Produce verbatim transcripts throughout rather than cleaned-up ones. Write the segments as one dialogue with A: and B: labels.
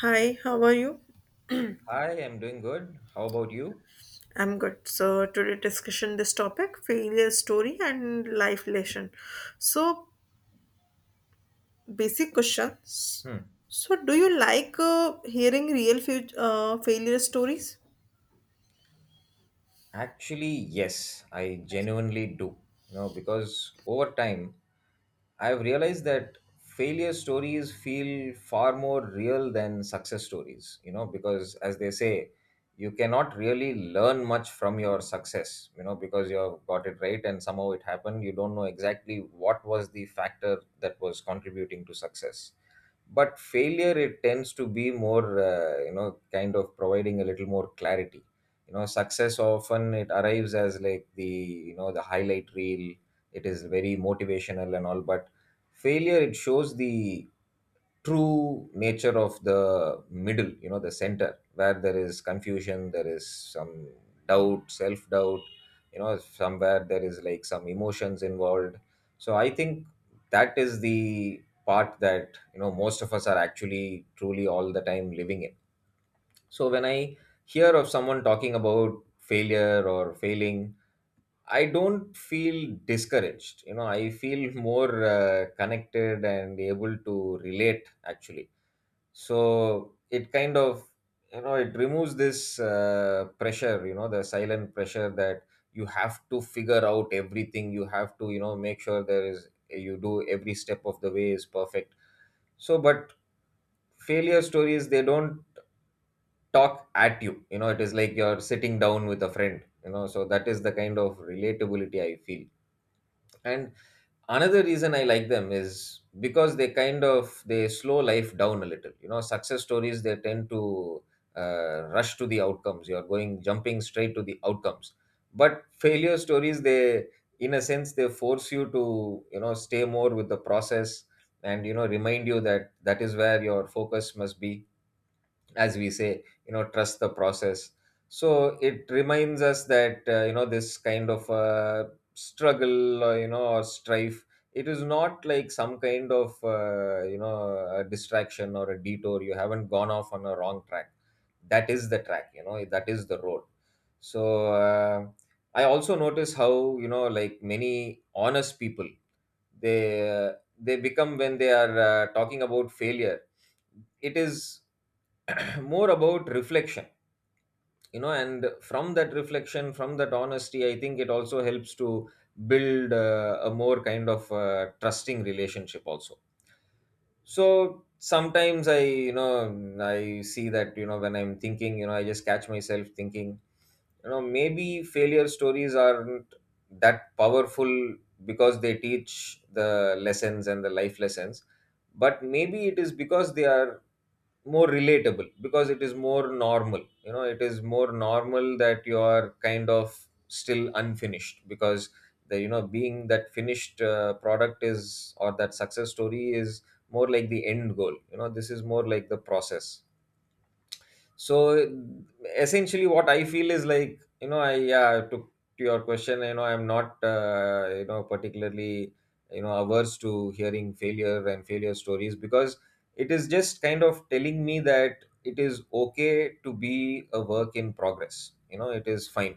A: Hi, how are you?
B: Hi, I'm doing good. How about you?
A: I'm good. So today discussion this topic failure story and life lesson. So basic questions.
B: Hmm.
A: So do you like uh, hearing real fu- uh, failure stories?
B: Actually, yes, I genuinely do. You know, because over time, I've realized that failure stories feel far more real than success stories, you know, because as they say, you cannot really learn much from your success, you know, because you've got it right and somehow it happened. You don't know exactly what was the factor that was contributing to success, but failure, it tends to be more uh, you know, kind of providing a little more clarity. You know, success often, it arrives as like the, you know, the highlight reel. It is very motivational and all, but failure, it shows the true nature of the middle, you know, the center, where there is confusion, there is some doubt, self doubt. You know, somewhere there is like some emotions involved. So I think that is the part that, you know, most of us are actually truly all the time living in. So when I hear of someone talking about failure or failing, I don't feel discouraged. You know, I feel more uh, connected and able to relate, actually. So it kind of, you know, it removes this uh, pressure, you know, the silent pressure that you have to figure out everything, you have to, you know, make sure there is, you do every step of the way is perfect. So but failure stories, they don't talk at you. You know, it is like you're sitting down with a friend, you know. So that is the kind of relatability I feel. And another reason I like them is because they kind of, they slow life down a little. You know, success stories, they tend to uh, rush to the outcomes, you're going, jumping straight to the outcomes. But failure stories, they, in a sense, they force you to, you know, stay more with the process, and you know, remind you that that is where your focus must be. As we say, you know, trust the process. So it reminds us that uh, you know, this kind of uh, struggle, or you know, or strife, it is not like some kind of uh, you know, a distraction or a detour. You haven't gone off on a wrong track. That is the track, you know, that is the road. So uh, I also notice how, you know, like many honest people, they uh, they become when they are uh, talking about failure. It is more about reflection. You know, and from that reflection, from that honesty, I think it also helps to build uh, a more kind of uh, trusting relationship also. So sometimes I, you know, I see that, you know, when I'm thinking, you know, I just catch myself thinking, you know, maybe failure stories aren't that powerful because they teach the lessons and the life lessons, but maybe it is because they are more relatable, because it is more normal. You know, it is more normal that you are kind of still unfinished, because the, you know, being that finished uh, product is, or that success story is more like the end goal. You know, this is more like the process. So essentially what I feel is like, you know, I, yeah, to, to your question, you know, I'm not uh, you know, particularly, you know, averse to hearing failure and failure stories, because it is just kind of telling me that it is okay to be a work in progress. You know, it is fine.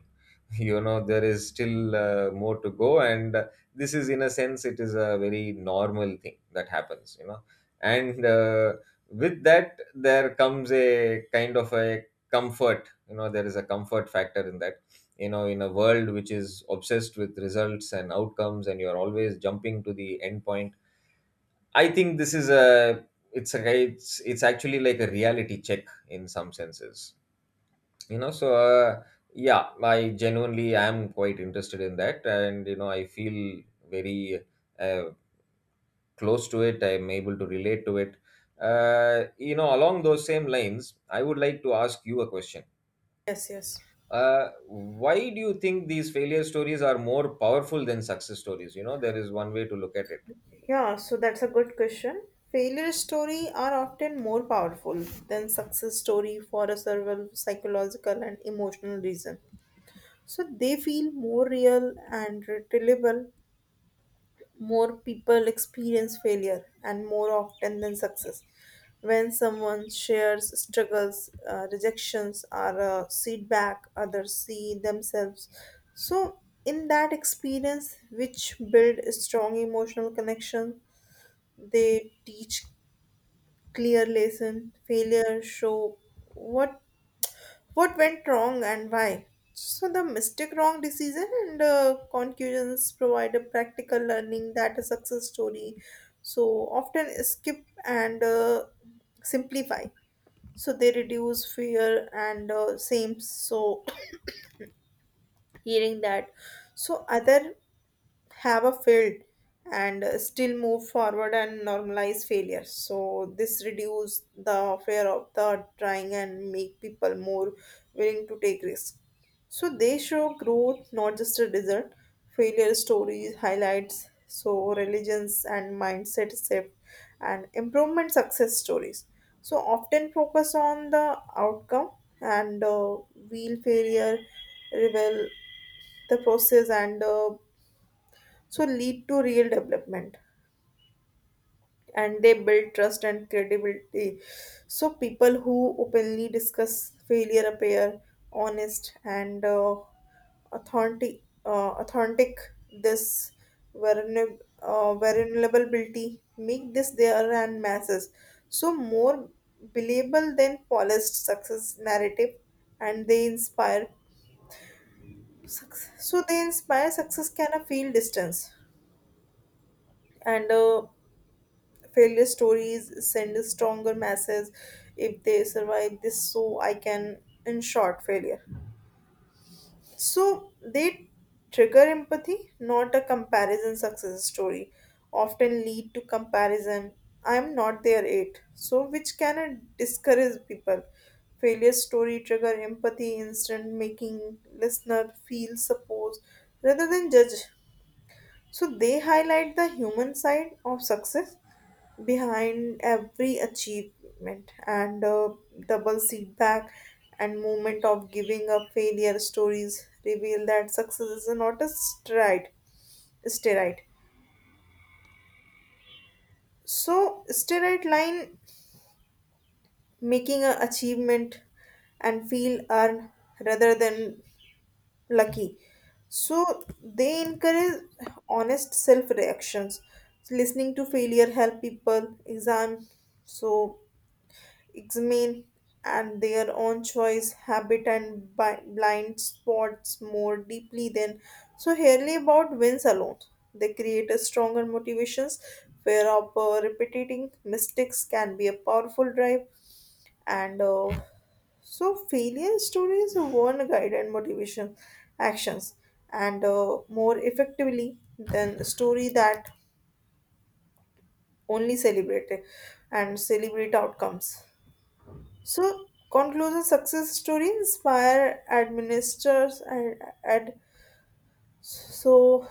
B: You know, there is still uh, more to go, and uh, this is, in a sense, it is a very normal thing that happens, you know. And uh, with that there comes a kind of a comfort. You know, there is a comfort factor in that. You know, in a world which is obsessed with results and outcomes and you're always jumping to the end point, I think this is a, it's a it's, it's actually like a reality check in some senses. You know, so uh, yeah, I genuinely am quite interested in that, and you know, I feel very uh, close to it. I'm able to relate to it. uh, you know, along those same lines, I would like to ask you a question.
A: Yes, yes.
B: uh, why do you think these failure stories are more powerful than success stories? You know, there is one way to look at it.
A: Yeah, so that's a good question. Failure story are often more powerful than success story for a several psychological and emotional reason. So they feel more real and relatable. More people experience failure and more often than success. When someone shares struggles, uh, rejections, or uh, feedback, others see themselves. So, in that experience, which build a strong emotional connection, they teach clear lesson. Failure show what what went wrong and why. So, the mistake, wrong decision, and uh, conclusions provide a practical learning that a success story so often skip and uh, simplify. So, they reduce fear and uh, same. So, hearing that, so other have a failed and uh, still move forward and normalize failure. So this reduce the fear of the trying and make people more willing to take risk. So they show growth not just a result. Failure stories highlights so religions and mindset shift and improvement. Success stories so often focus on the outcome and uh, wheel failure reveal the process and uh, so lead to real development. And they build trust and credibility. So people who openly discuss failure appear honest and uh, authentic uh, authentic. This vulnerab- uh, vulnerability make this their and masses so more believable than polished success narrative. And they inspire success. So they inspire success can a feel distance and uh, failure stories send a stronger message. If they survive this so I can in short failure. So they trigger empathy not a comparison. Success story often lead to comparison. I'm not there yet so which can uh, discourage people. Failure story trigger empathy instant making listener feel supposed rather than judge. So they highlight the human side of success. Behind every achievement and uh, double setback and moment of giving up, failure stories reveal that success is not a stride steroid so steroid line making a achievement and feel earned rather than lucky. So they encourage honest self reactions. Listening to failure help people exam so examine and their own choice, habit and bi- blind spots more deeply than so rarely about wins alone. They create a stronger motivations where of uh, repeating mistakes can be a powerful drive. And uh, so failure stories won't guide and motivation actions and uh, more effectively than a story that only celebrate it and celebrate outcomes. So conclusion success story inspire administrators and ad so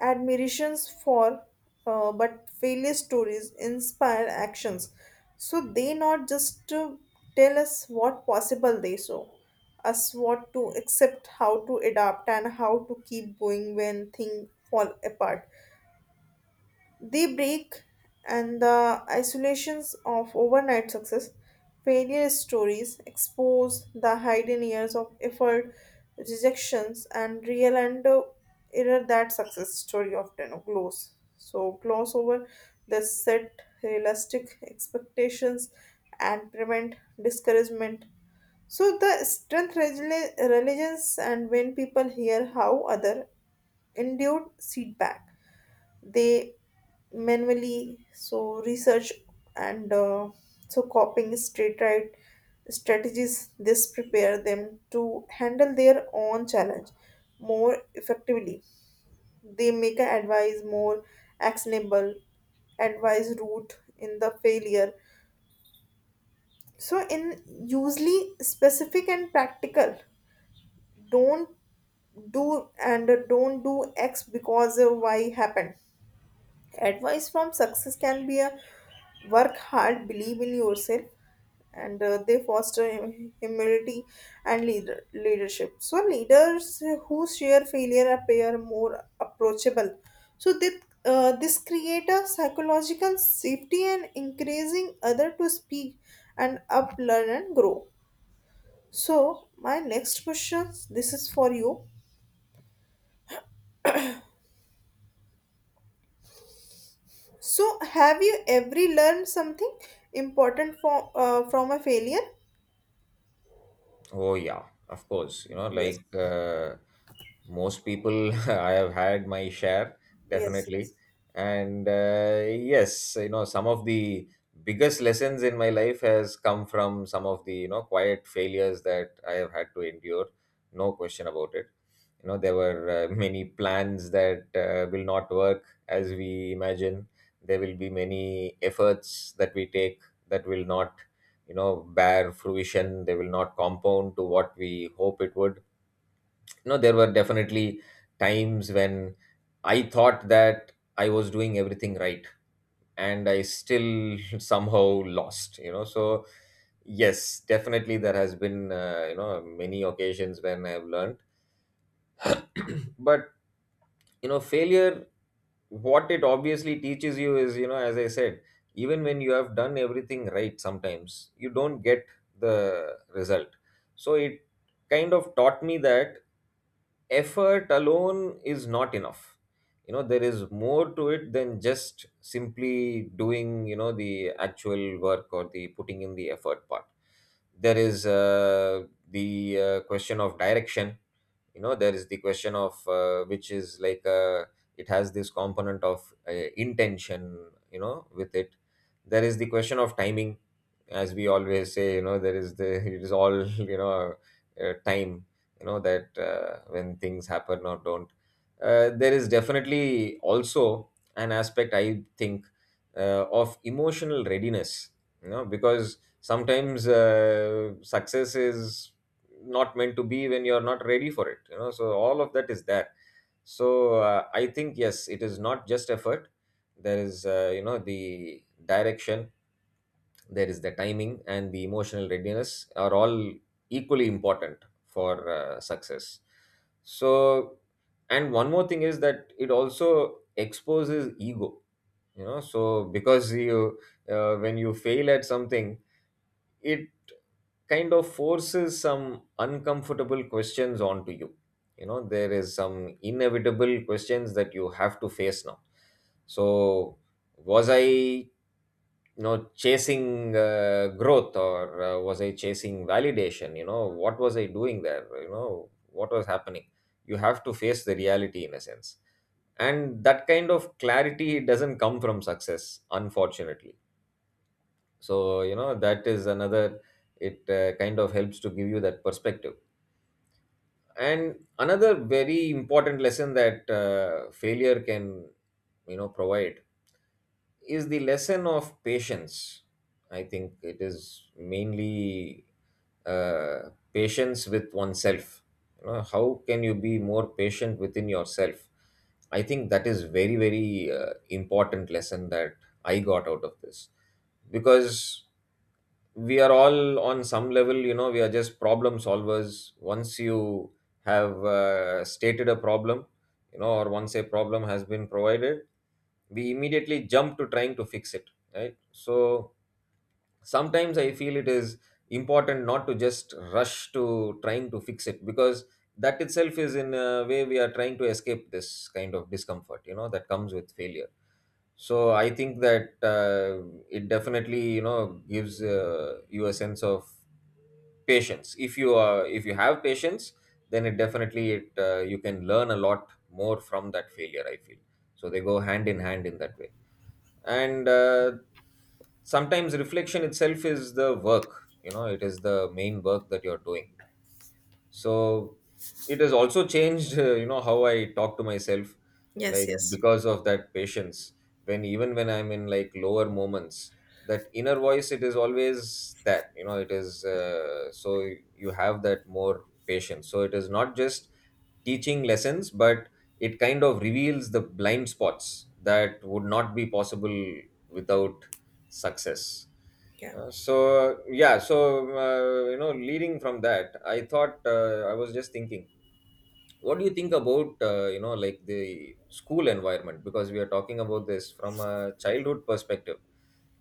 A: admirations for uh, but failure stories inspire actions. So they not just to tell us what possible they saw us what to accept how to adapt and how to keep going when things fall apart the break and the isolations of overnight success, failure stories expose the hidden years of effort, rejections, and real and uh, error that success story often glows. So gloss over the set realistic expectations and prevent discouragement. So the strength, resili- religions, and when people hear how other endured setback they manually so research and uh, so copying straight right strategies this prepare them to handle their own challenge more effectively. They make a advice more actionable advice route in the failure so in usually specific and practical. Don't do and don't do x because of y happened. Advice from success can be a work hard, believe in yourself, and uh, they foster hum- humility and leader- leadership. So, leaders who share failure appear more approachable. So, they, uh, this create a psychological safety and encouraging other to speak and up, learn, and grow. So, my next question this is for you. So, have you ever learned something important from uh, from a failure?
B: Oh yeah, of course. You know,
A: Yes.
B: like uh, most people, I have had my share
A: Yes.
B: definitely,
A: Yes.
B: and uh, yes, you know, some of the biggest lessons in my life has come from some of the, you know, quiet failures that I have had to endure. No question about it. You know, there were uh, many plans that uh, will not work as we imagine. There will be many efforts that we take that will not, you know, bare fruition. They will not compound to what we hope it would. You know, there were definitely times when I thought that I was doing everything right, and I still somehow lost, you know. So yes, definitely there has been uh, you know, many occasions when I've learned. But you know, failure, what it obviously teaches you is, you know, as I said, even when you have done everything right, sometimes you don't get the result. So it kind of taught me that effort alone is not enough. You know, there is more to it than just simply doing, you know, the actual work or the putting in the effort part. There is uh, the uh, question of direction. You know, there is the question of uh, which is like uh, it has this component of uh, intention, you know, with it. There is the question of timing. As we always say, you know, there is the it is all, you know, uh, time, you know, that uh, when things happen or don't. uh, there is definitely also an aspect, I think, uh, of emotional readiness. You know, because sometimes uh, success is not meant to be when you're not ready for it, you know. So all of that is there. So uh, I think yes, it is not just effort. There is uh, you know, the direction, there is the timing, and the emotional readiness are all equally important for uh, success. So, and one more thing is that it also exposes ego. You know, so because you uh, when you fail at something, it kind of forces some uncomfortable questions onto you. You know, there is some inevitable questions that you have to face now. So, was I, you know, chasing uh, growth, or uh, was I chasing validation? You know, what was I doing there? You know, what was happening? You have to face the reality in a sense. And that kind of clarity doesn't come from success, unfortunately. So you know, that is another, it uh, kind of helps to give you that perspective. And another very important lesson that uh, failure can, you know, provide is the lesson of patience. I think it is mainly uh, patience with oneself. You know, how can you be more patient within yourself? I think that is very very uh, important lesson that I got out of this, because we are all on some level, you know, we are just problem solvers. Once you have uh, stated a problem, you know, or once a problem has been provided, we immediately jump to trying to fix it, right? So sometimes I feel it is important not to just rush to trying to fix it, because that itself is, in a way, we are trying to escape this kind of discomfort, you know, that comes with failure. So I think that uh, it definitely, you know, gives uh, you a sense of patience. If you are, if you have patience, then it definitely, it uh, you can learn a lot more from that failure, I feel. So they go hand in hand in that way. And uh, sometimes reflection itself is the work. You know, it is the main work that you're doing. So it has also changed uh, you know, how I talk to myself,
A: Yes,
B: like,
A: yes.
B: because of that patience. When, even when I'm in like lower moments, that inner voice, it is always that, you know, it is uh, so you have that more patience. So it is not just teaching lessons, but it kind of reveals the blind spots that would not be possible without success.
A: Yeah.
B: uh, so yeah, so uh, you know, leading from that, I thought uh, I was just thinking, what do you think about uh, you know, like the school environment? Because we are talking about this from a childhood perspective.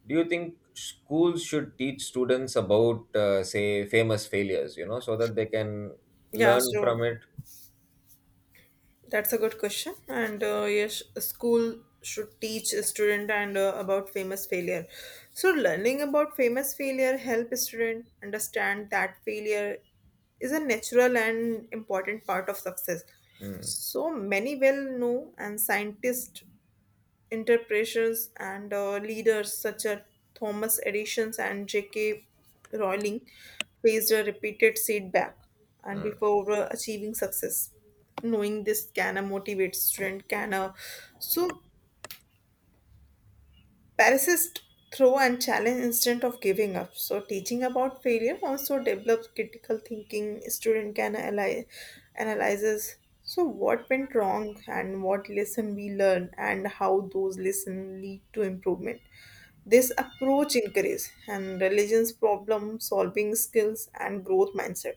B: Do you think schools should teach students about uh, say, famous failures? You know, so that they can
A: Yeah,
B: learn from
A: so
B: it.
A: that's a good question. And uh, yes, a school should teach a student and uh, about famous failure. So learning about famous failure help a student understand that failure is a natural and important part of success.
B: Hmm.
A: So many well know and scientists interpretations and uh, leaders such as Thomas Edison and J K. Rowling faced a repeated setback and
B: Hmm.
A: before uh, achieving success. Knowing this can uh, motivate student can uh, so Pharisees throw and challenge instead of giving up. So teaching about failure also develops critical thinking. Student can analyze analyzes so what went wrong and what lesson we learn and how those lessons lead to improvement. This approach encourages and religion's problem solving skills and growth mindset.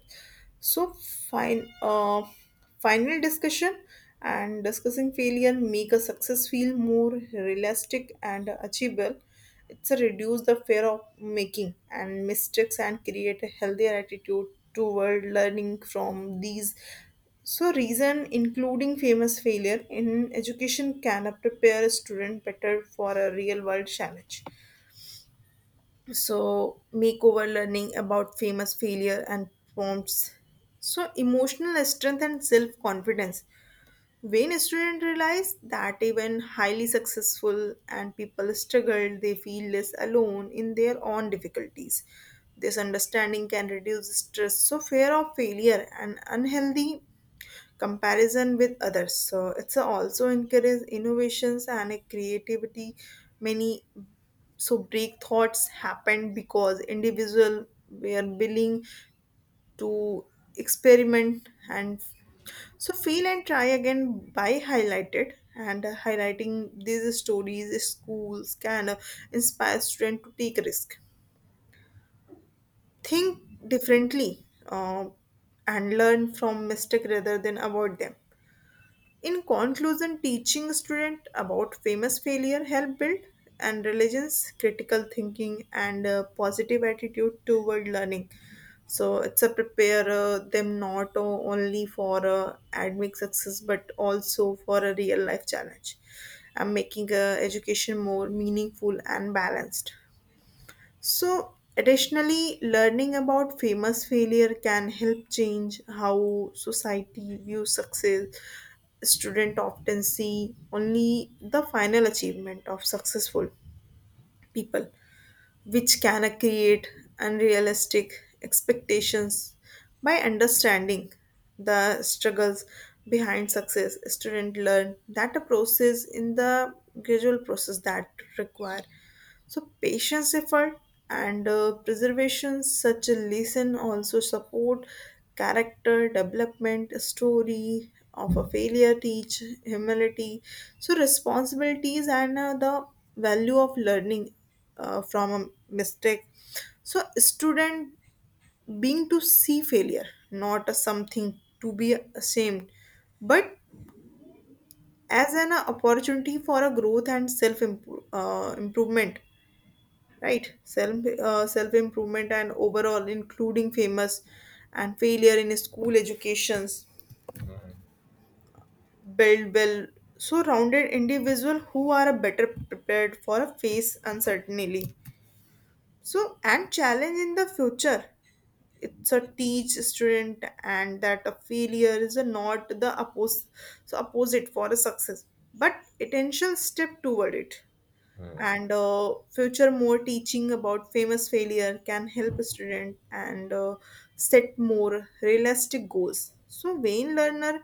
A: So fine uh, final discussion and discussing failure make a success feel more realistic and achievable. It's a reduce the fear of making and mistakes and create a healthier attitude toward learning from these. So reason including famous failure in education can prepare a student better for a real world challenge. So makeover learning about famous failure and prompts so emotional strength and self confidence. When students realize that even highly successful and people struggle, they feel less alone in their own difficulties. This understanding can reduce stress, so fear of failure and unhealthy comparison with others. So it's also encourage innovations and creativity. Many so break thoughts happen because individual were willing to experiment and so feel and try again. By highlighted and uh, highlighting these stories, schools can uh, inspire students to take risk, think differently, uh, and learn from mistake rather than avoid them. In conclusion, teaching students about famous failure help build and religions, critical thinking, and a positive attitude toward learning. So it's a prepare uh, them not uh, only for uh, academic success but also for a real life challenge. I'm making uh, education more meaningful and balanced. So, additionally, learning about famous failure can help change how society views success. Students often see only the final achievement of successful people, which can create unrealistic expectations. By understanding the struggles behind success, students learn that a process in the gradual process that require so patience effort and uh, preservation. Such a lesson also support character development. A story of a failure teach humility so responsibilities and uh, the value of learning uh, from a mistake. So student being to see failure not as something to be ashamed but as an opportunity for a growth and self improve, uh, improvement right self uh, self improvement and overall including famous and failure in school educations
B: Hmm.
A: build well so rounded individual who are a better prepared for a face uncertainty so and challenge in the future. It's a teach student and that a failure is a not the oppose so opposite for a success but attention step toward it.
B: Hmm.
A: And uh, future more teaching about famous failure can help a student and uh, set more realistic goals so wayne learner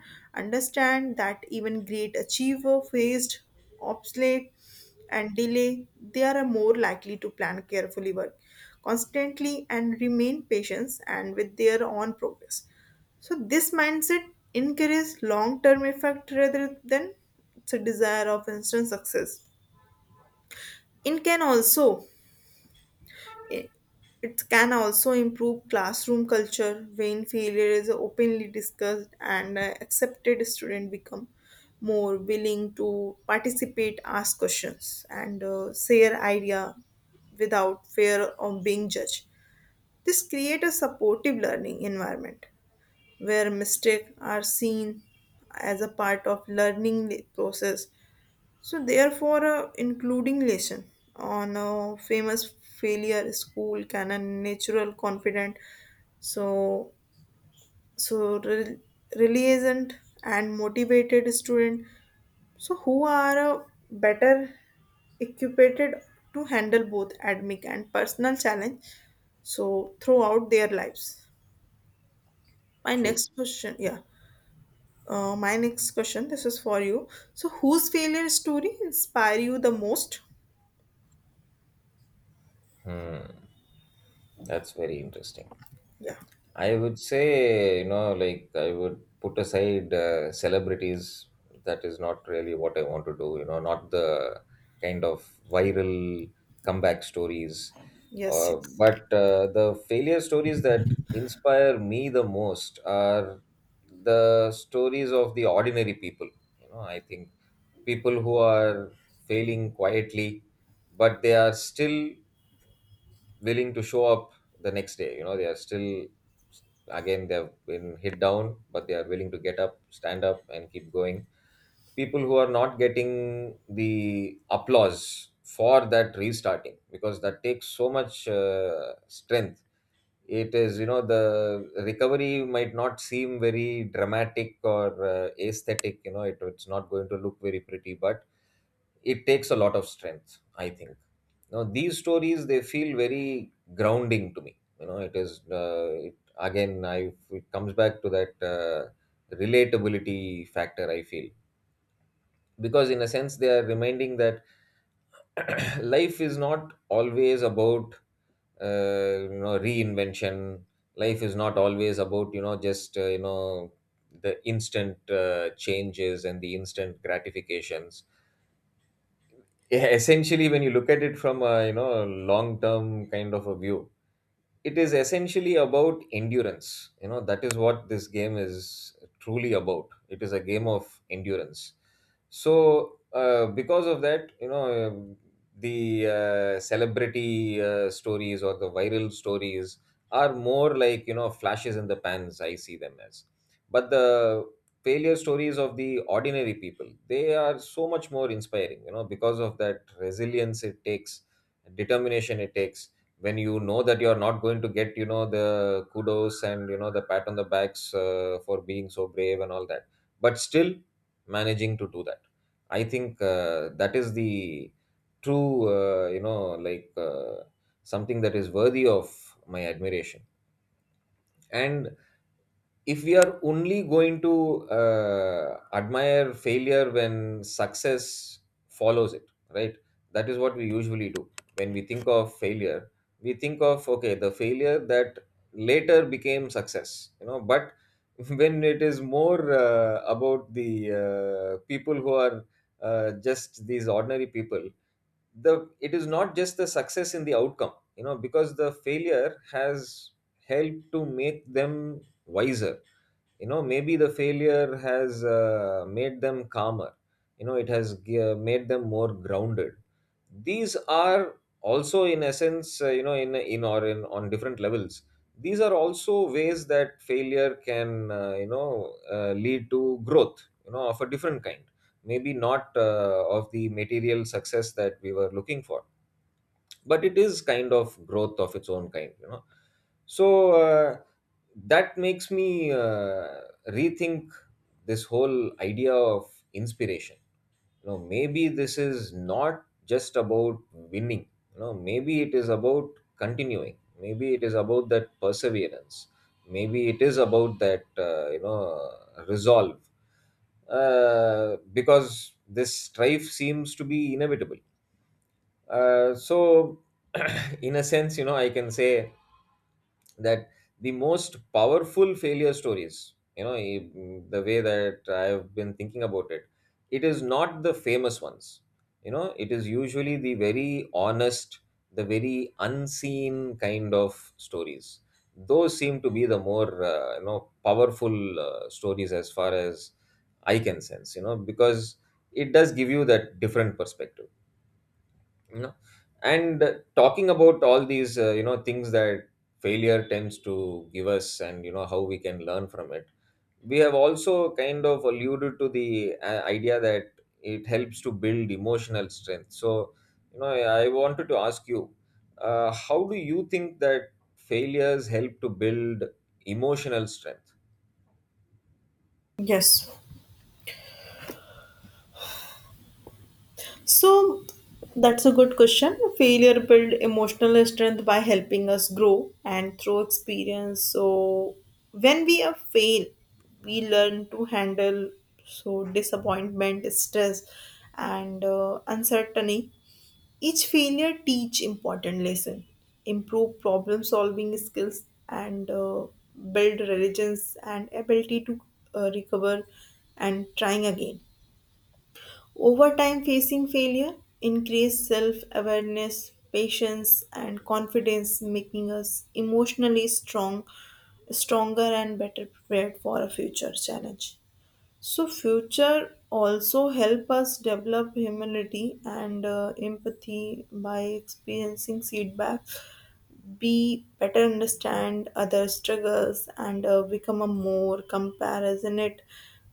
A: understand that even great achiever faced obsolete and delay. They are more likely to plan carefully work constantly and remain patient and with their own progress. So this mindset encourages long-term effect rather than it's a desire of instant success. It can also it can also improve classroom culture when failure is openly discussed and uh, accepted. Students become more willing to participate, ask questions, and uh, share idea without fear of being judged. This creates a supportive learning environment where mistakes are seen as a part of learning process. So, therefore, uh, including lesson on uh, famous failure school can a natural confident. So, so re- resilient and motivated student. So, who are uh, better equipped to handle both academic and personal challenge. So, throughout their lives. My
B: True.
A: next question, yeah. Uh, my next question, this is for you. So, whose failure story inspire you the most?
B: Hmm. That's very interesting.
A: Yeah.
B: I would say, you know, like I would put aside uh, celebrities. That is not really what I want to do, you know, not the kind of viral comeback stories.
A: Yes.
B: Uh,
A: Yes.
B: but uh, the failure stories that inspire me the most are the stories of the ordinary people. You know, I think people who are failing quietly, but they are still willing to show up the next day. You know, they are still, again, they've been hit down, but they are willing to get up, stand up and keep going. People who are not getting the applause for that restarting, because that takes so much uh, strength. It is, you know, the recovery might not seem very dramatic or uh, aesthetic. You know, it, it's not going to look very pretty, but it takes a lot of strength, I think. Now these stories, they feel very grounding to me. You know, it is uh, it, again I it comes back to that uh, relatability factor, I feel. Because in a sense they are reminding that life is not always about uh, you know, reinvention. Life is not always about, you know, just uh, you know, the instant uh, changes and the instant gratifications. Yeah, essentially, when you look at it from a, you know, long term kind of a view, it is essentially about endurance. You know, that is what this game is truly about. It is a game of endurance. So uh, because of that, you know, um, the uh, celebrity uh, stories or the viral stories are more like, you know, flashes in the pans, I see them as. But the failure stories of the ordinary people, they are so much more inspiring, you know, because of that resilience it takes, determination it takes. When you know that you're not going to get, you know, the kudos and, you know, the pat on the backs uh, for being so brave and all that, but still managing to do that, I think uh, that is the true uh, you know, like uh, something that is worthy of my admiration. And if we are only going to uh, admire failure when success follows it, right, that is what we usually do. When we think of failure, we think of, okay, the failure that later became success, you know. But when it is more uh, about the uh, people who are uh, just these ordinary people, the it is not just the success in the outcome, you know, because the failure has helped to make them wiser. You know, maybe the failure has uh, made them calmer. You know, it has g- uh, made them more grounded. These are also in essence, uh, you know, in in or in on different levels, these are also ways that failure can, uh, you know, uh, lead to growth, you know, of a different kind. Maybe not uh, of the material success that we were looking for, but it is kind of growth of its own kind, you know. So uh, that makes me uh, rethink this whole idea of inspiration. You know, maybe this is not just about winning. You know, maybe it is about continuing. Maybe it is about that perseverance. Maybe it is about that uh, you know, resolve. Uh, because this strife seems to be inevitable. Uh, so in a sense, you know, I can say that the most powerful failure stories, you know, i- mm, the way that I've been thinking about it, it is not the famous ones. You know, it is usually the very honest, the very unseen kind of stories. Those seem to be the more uh, you know, powerful uh, stories, as far as I can sense, you know, because it does give you that different perspective, you know. And uh, talking about all these uh, you know, things that failure tends to give us, and you know how we can learn from it, we have also kind of alluded to the uh, idea that it helps to build emotional strength. So, you know, i I wanted to ask you uh, how do you think that failures help to build emotional strength?
A: Yes. So that's a good question. Failure build emotional strength by helping us grow and through experience. So when we are fail, we learn to handle so disappointment, stress, and uh, uncertainty. Each failure teach important lesson, improve problem solving skills, and uh, build resilience and ability to uh, recover and trying again. Over time, facing failure increased self awareness, patience, and confidence, making us emotionally strong, stronger, and better prepared for a future challenge. So, future also help us develop humility and uh, empathy by experiencing feedback, be better understand other struggles, and uh, become a more compassionate.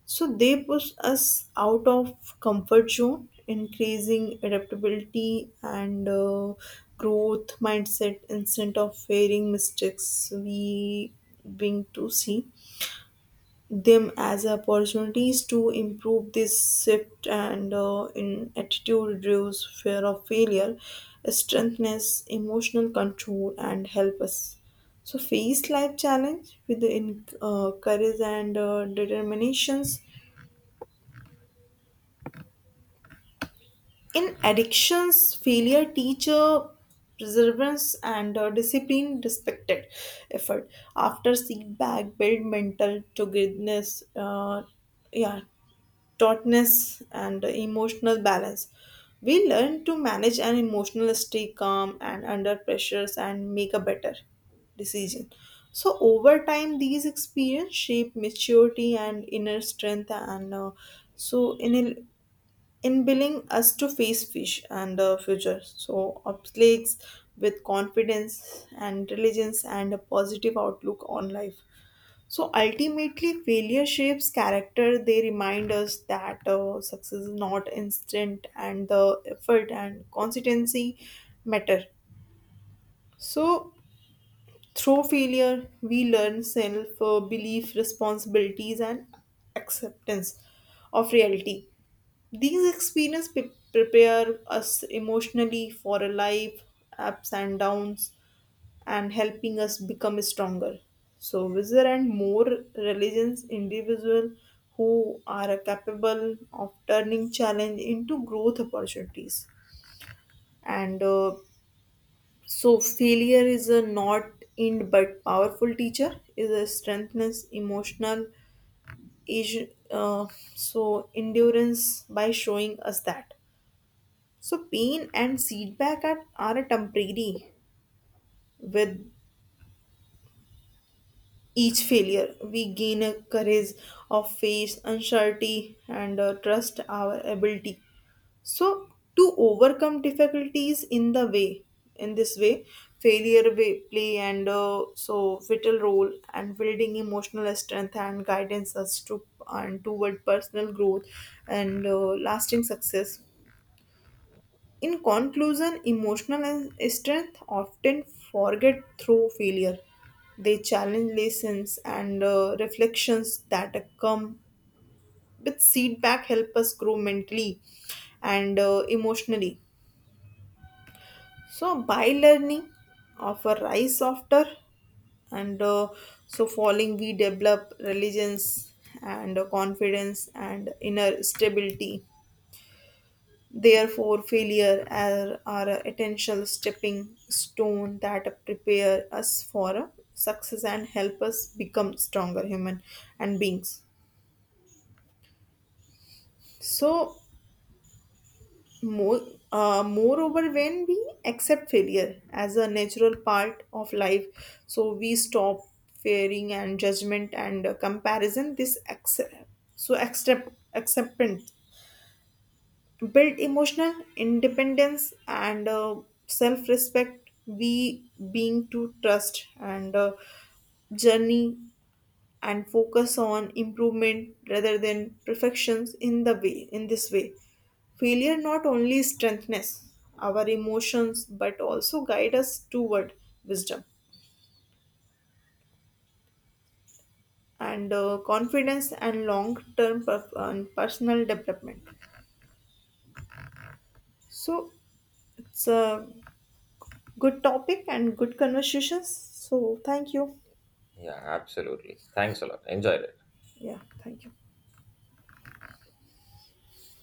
A: So they push us out of comfort zone, increasing adaptability and uh, growth mindset. Instead of fearing mistakes we being to see them as opportunities to improve. This shift and uh, in attitude reduce fear of failure strengthens emotional control and help us so face life challenge with the in, uh, courage and uh, determinations. In addictions, failure teacher perseverance and uh, discipline respected effort. After setback, build mental togetherness, uh, yeah, tautness and emotional balance. We learn to manage an emotional, stay calm and under pressures, and make a better decision. So over time, these experience shape maturity and inner strength, and uh, so in a in billing us to face fish and the future. So oblates with confidence and diligence and a positive outlook on life. So ultimately, failure shapes character. They remind us that uh, success is not instant, and the effort and consistency matter. So through failure, we learn self uh, belief, responsibilities, and acceptance of reality. These experiences pre- prepare us emotionally for a life, ups and downs, and helping us become stronger. So, wiser and more religious individual who are capable of turning challenge into growth opportunities. And uh, so, failure is a not end but powerful teacher, is a strengthens emotional, age, uh, so endurance by showing us that. So, pain and setback are, are a temporary. With each failure, we gain a courage of face, uncertainty, and uh, trust our ability. So, to overcome difficulties in the way, in this way, failure way play and uh, so vital role and building emotional strength and guidance us to and toward personal growth and uh, lasting success. In conclusion, emotional and strength often forget through failure. They challenge lessons and uh, reflections that come with feedback help us grow mentally and uh, emotionally. So by learning, of a rise after and uh, so falling we develop religions and uh, confidence and inner stability. Therefore, failure are, are a potential stepping stone that prepare us for a success and help us become stronger human and beings. So, more, uh, moreover, when we accept failure as a natural part of life, so we stop fearing and judgment and uh, comparison. This accept so accept acceptance build emotional independence and uh, self-respect. We being to trust and uh, journey and focus on improvement rather than perfections in the way in this way failure not only strengthens our emotions but also guide us toward wisdom and uh, confidence and long-term personal development. So it's a good topic and good conversations. So, thank you.
B: Yeah, absolutely, thanks a lot, enjoyed it.
A: Yeah, thank you.